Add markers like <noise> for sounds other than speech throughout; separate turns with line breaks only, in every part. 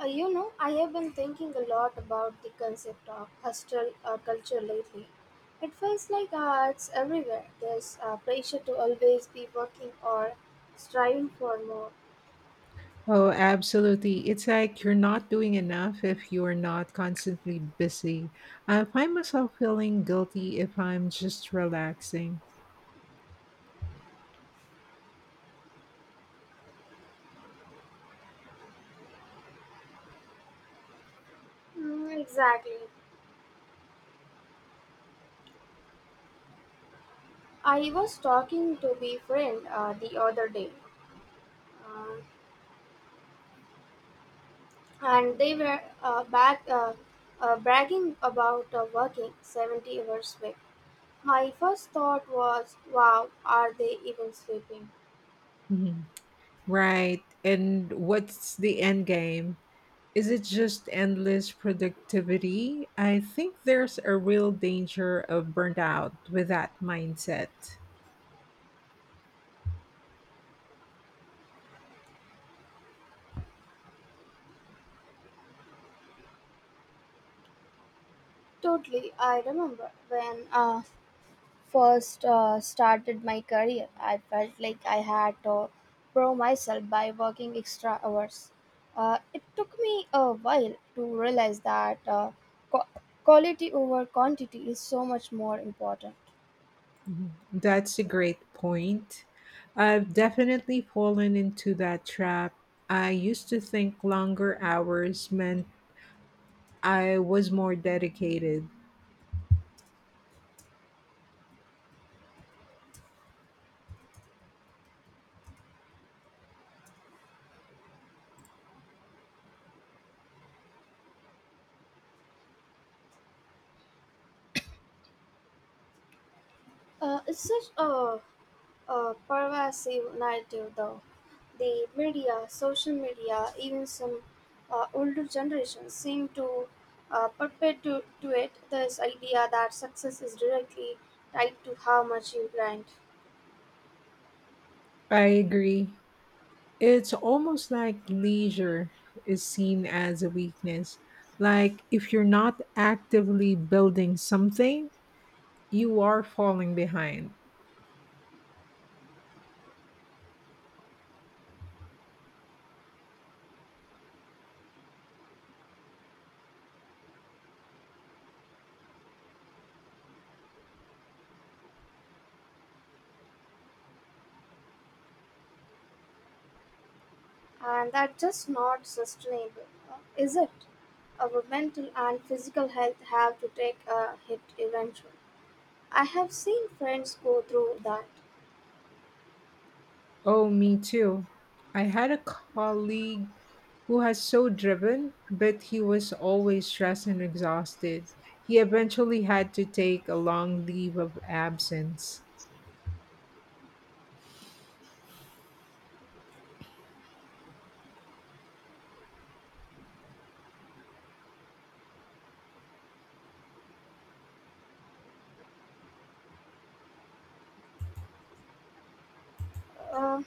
I have been thinking a lot about the concept of hostile culture lately. It feels like it's everywhere. There's pressure to always be working or striving for more.
Oh, absolutely. It's like you're not doing enough if you're not constantly busy. I find myself feeling guilty if I'm just relaxing.
Mm, exactly. I was talking to be friend the other day, um, and they were back bragging about working 70 hours a week. My first thought was, wow, are they even sleeping?
Mhm. Right. And what's the end game? Is it just endless productivity? I think there's a real danger of burnt out with that mindset.
Totally. I remember when I first started my career, I felt like I had to prove myself by working extra hours. It took me a while to realize that qu- quality over quantity is so much more important.
Mhm. That's a great point. I've definitely fallen into that trap. I used to think longer hours meant I was more dedicated.
It's such a pervasive narrative, though. The media, social media, even some older generations seem to perpetuate this idea that success is directly tied to how much you grind.
I agree. It's almost like leisure is seen as a weakness. Like if you're not actively building something, you are falling behind.
And that's just not sustainable, is it? Our mental and physical health have to take a hit eventually. I have seen friends go through that.
Oh, me too. I had a colleague who was so driven, but he was always stressed and exhausted. He eventually had to take a long leave of absence.
Uh,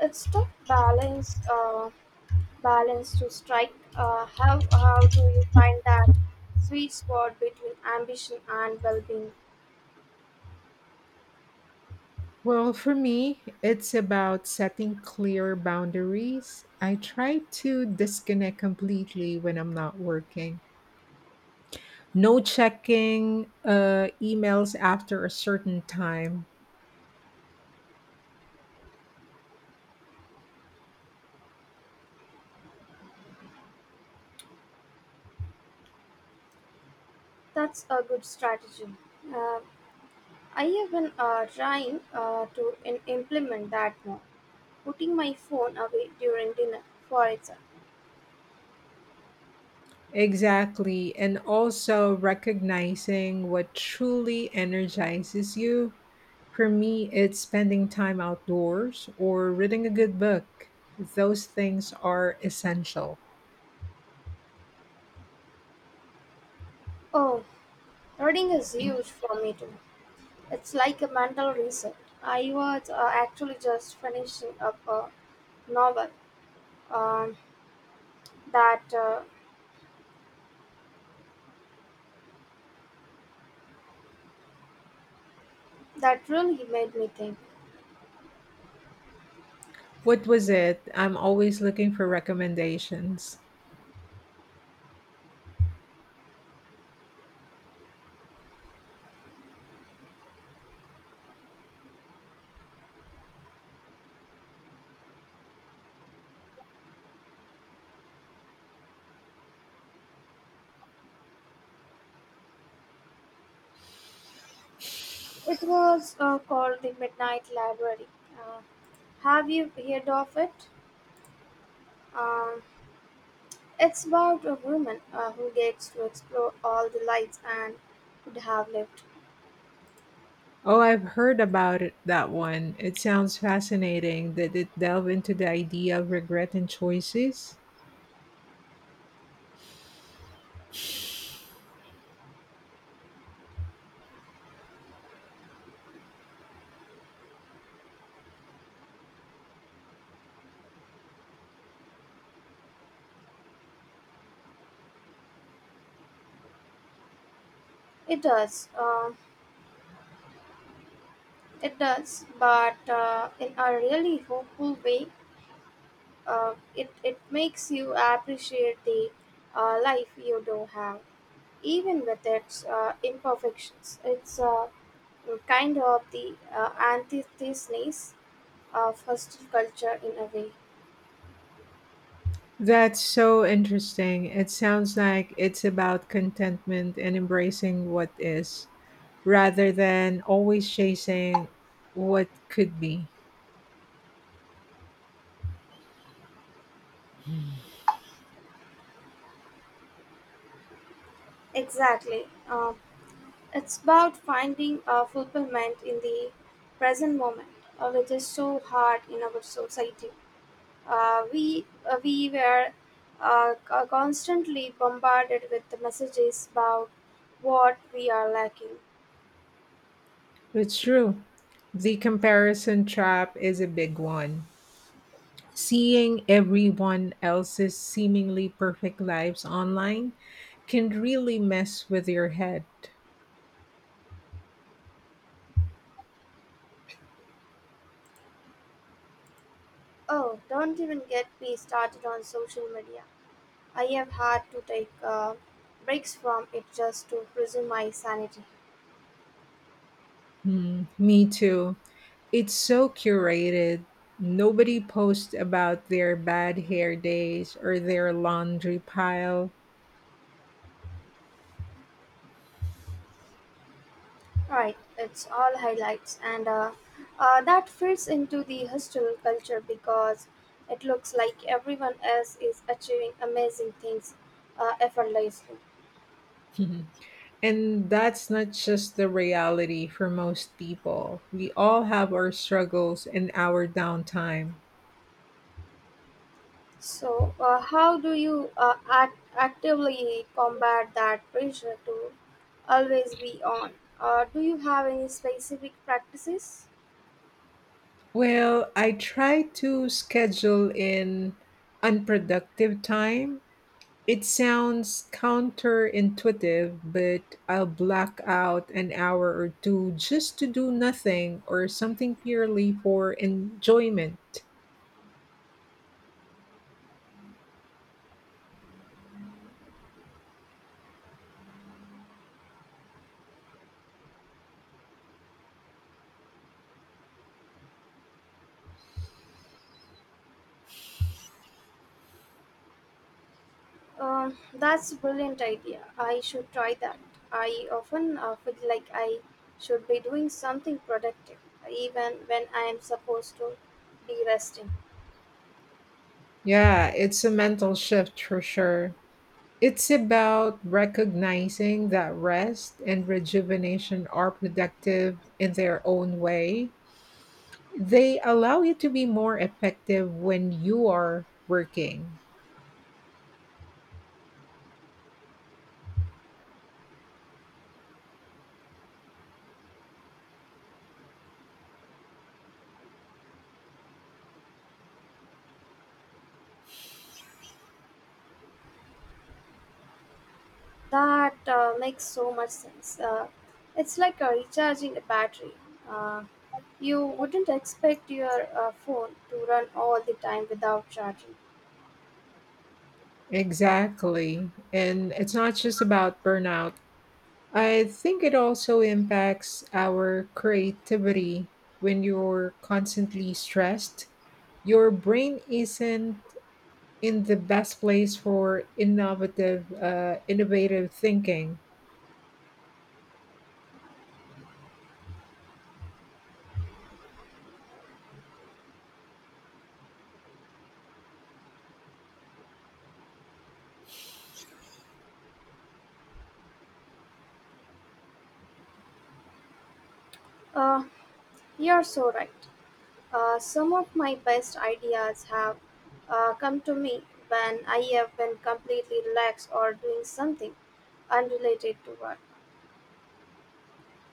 it's tough balance. Balance to strike. How do you find that sweet spot between ambition and well-being?
Well, for me, it's about setting clear boundaries. I try to disconnect completely when I'm not working. No checking emails after a certain time.
That's a good strategy. Uh, I have been trying to implement that now. Putting my phone away during dinner, for example.
Exactly. And also recognizing what truly energizes you. For me, it's spending time outdoors or reading a good book. Those things are essential.
Oh, reading is huge for me too. It's like a mental reset. I was actually just finishing up a novel um, that uh, that really made me think.
What was it? I'm always looking for recommendations.
It was called the Midnight Library. Uh, have you heard of it? Um, it's about a woman who gets to explore all the lights and could have lived.
Oh, I've heard about it, that one. It sounds fascinating. Did it delve into the idea of regret and choices?
It does, but in a really hopeful way. It makes you appreciate the life you do have, even with its imperfections. It's kind of the antithesis of hostile culture in a way.
That's so interesting. It sounds like it's about contentment and embracing what is, rather than always chasing what could be.
Exactly. It's about finding fulfillment in the present moment, which is so hard in our society. We were constantly bombarded with the messages about what we are lacking.
It's true. The comparison trap is a big one. Seeing everyone else's seemingly perfect lives online can really mess with your head.
Oh, don't even get me started on social media. I have had to take breaks from it just to preserve my sanity.
Hmm. Me too. It's so curated. Nobody posts about their bad hair days or their laundry pile.
Right, it's all highlights, and that fits into the hostel culture because it looks like everyone else is achieving amazing things effortlessly.
<laughs> And that's not just the reality for most people. We all have our struggles and our downtime.
So, how do you actively combat that pressure to always be on? Do you have any specific practices?
Well, I try to schedule in unproductive time. It sounds counterintuitive, but I'll block out an hour or two just to do nothing or something purely for enjoyment.
That's a brilliant idea. I should try that. I often feel like I should be doing something productive, even when I am supposed to be resting.
Yeah, it's a mental shift for sure. It's about recognizing that rest and rejuvenation are productive in their own way. They allow you to be more effective when you are working.
That makes so much sense. It's like recharging a battery. Uh, you wouldn't expect your phone to run all the time without charging.
Exactly. And it's not just about burnout. I think it also impacts our creativity when you're constantly stressed. Your brain isn't in the best place for innovative thinking,
Uh, you're so right. Some of my best ideas have come to me when I have been completely relaxed or doing something unrelated to work.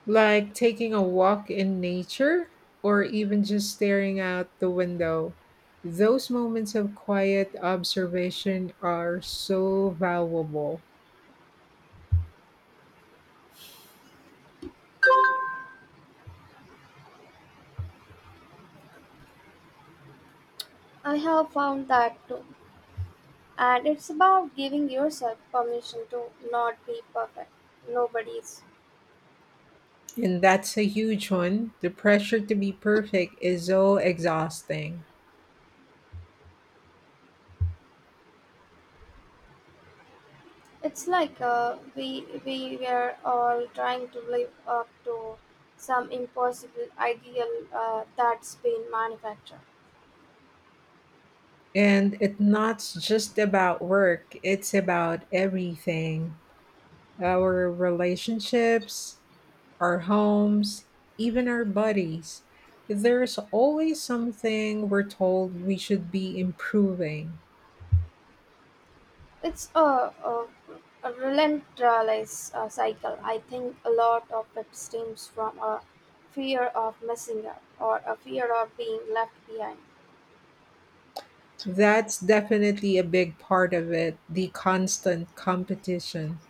like taking a walk in nature, or even just staring out the window. Those moments of quiet observation are so valuable.
I have found that too. And it's about giving yourself permission to not be perfect. Nobody's.
And that's a huge one. The pressure to be perfect is so exhausting,
It's like we were all trying to live up to some impossible ideal that's been manufactured.
and it's not just about work, it's about everything. Our relationships, our homes, even our buddies. There's always something we're told we should be improving.
It's a relentless cycle. I think a lot of it stems from a fear of missing out or a fear of being left behind.
That's definitely a big part of it, the constant competition.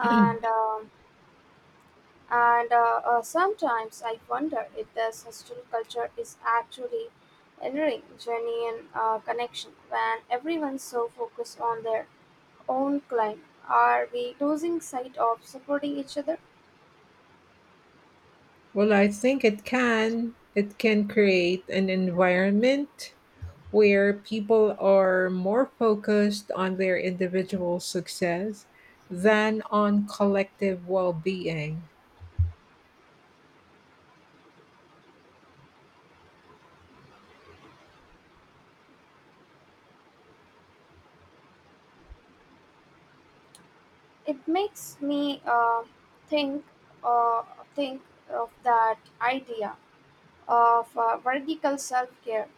And um, and Sometimes I wonder if the hostile culture is actually entering genuine connection when everyone's so focused on their own climb. Are we losing sight of supporting each other?
Well, I think it can. It can create an environment where people are more focused on their individual success than on collective well being.
It makes me think uh, think of that idea of vertical self-care,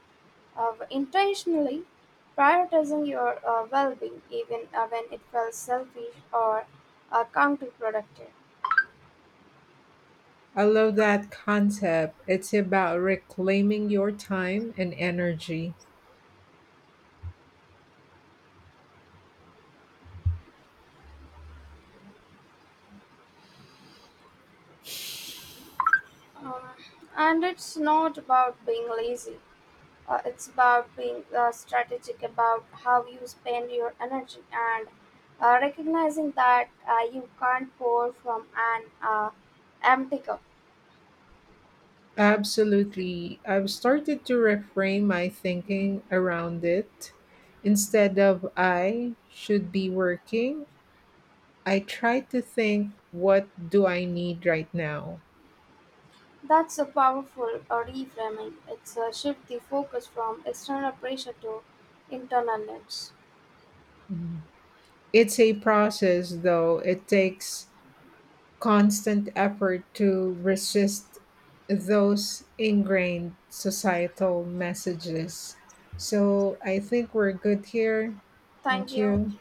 of intentionally prioritizing your well-being even when it feels selfish or counterproductive.
I love that concept. It's about reclaiming your time and energy.
Um, and it's not about being lazy. It's about being strategic about how you spend your energy and recognizing that you can't pour from an empty cup.
Absolutely. I've started to reframe my thinking around it. Instead of I should be working, I try to think, what do I need right now?
That's a powerful reframing. It's a shift the focus from external pressure to internal needs.
Mhm. It's a process, though. It takes constant effort to resist those ingrained societal messages. So I think we're good here.
Thank
Thank
you.
you.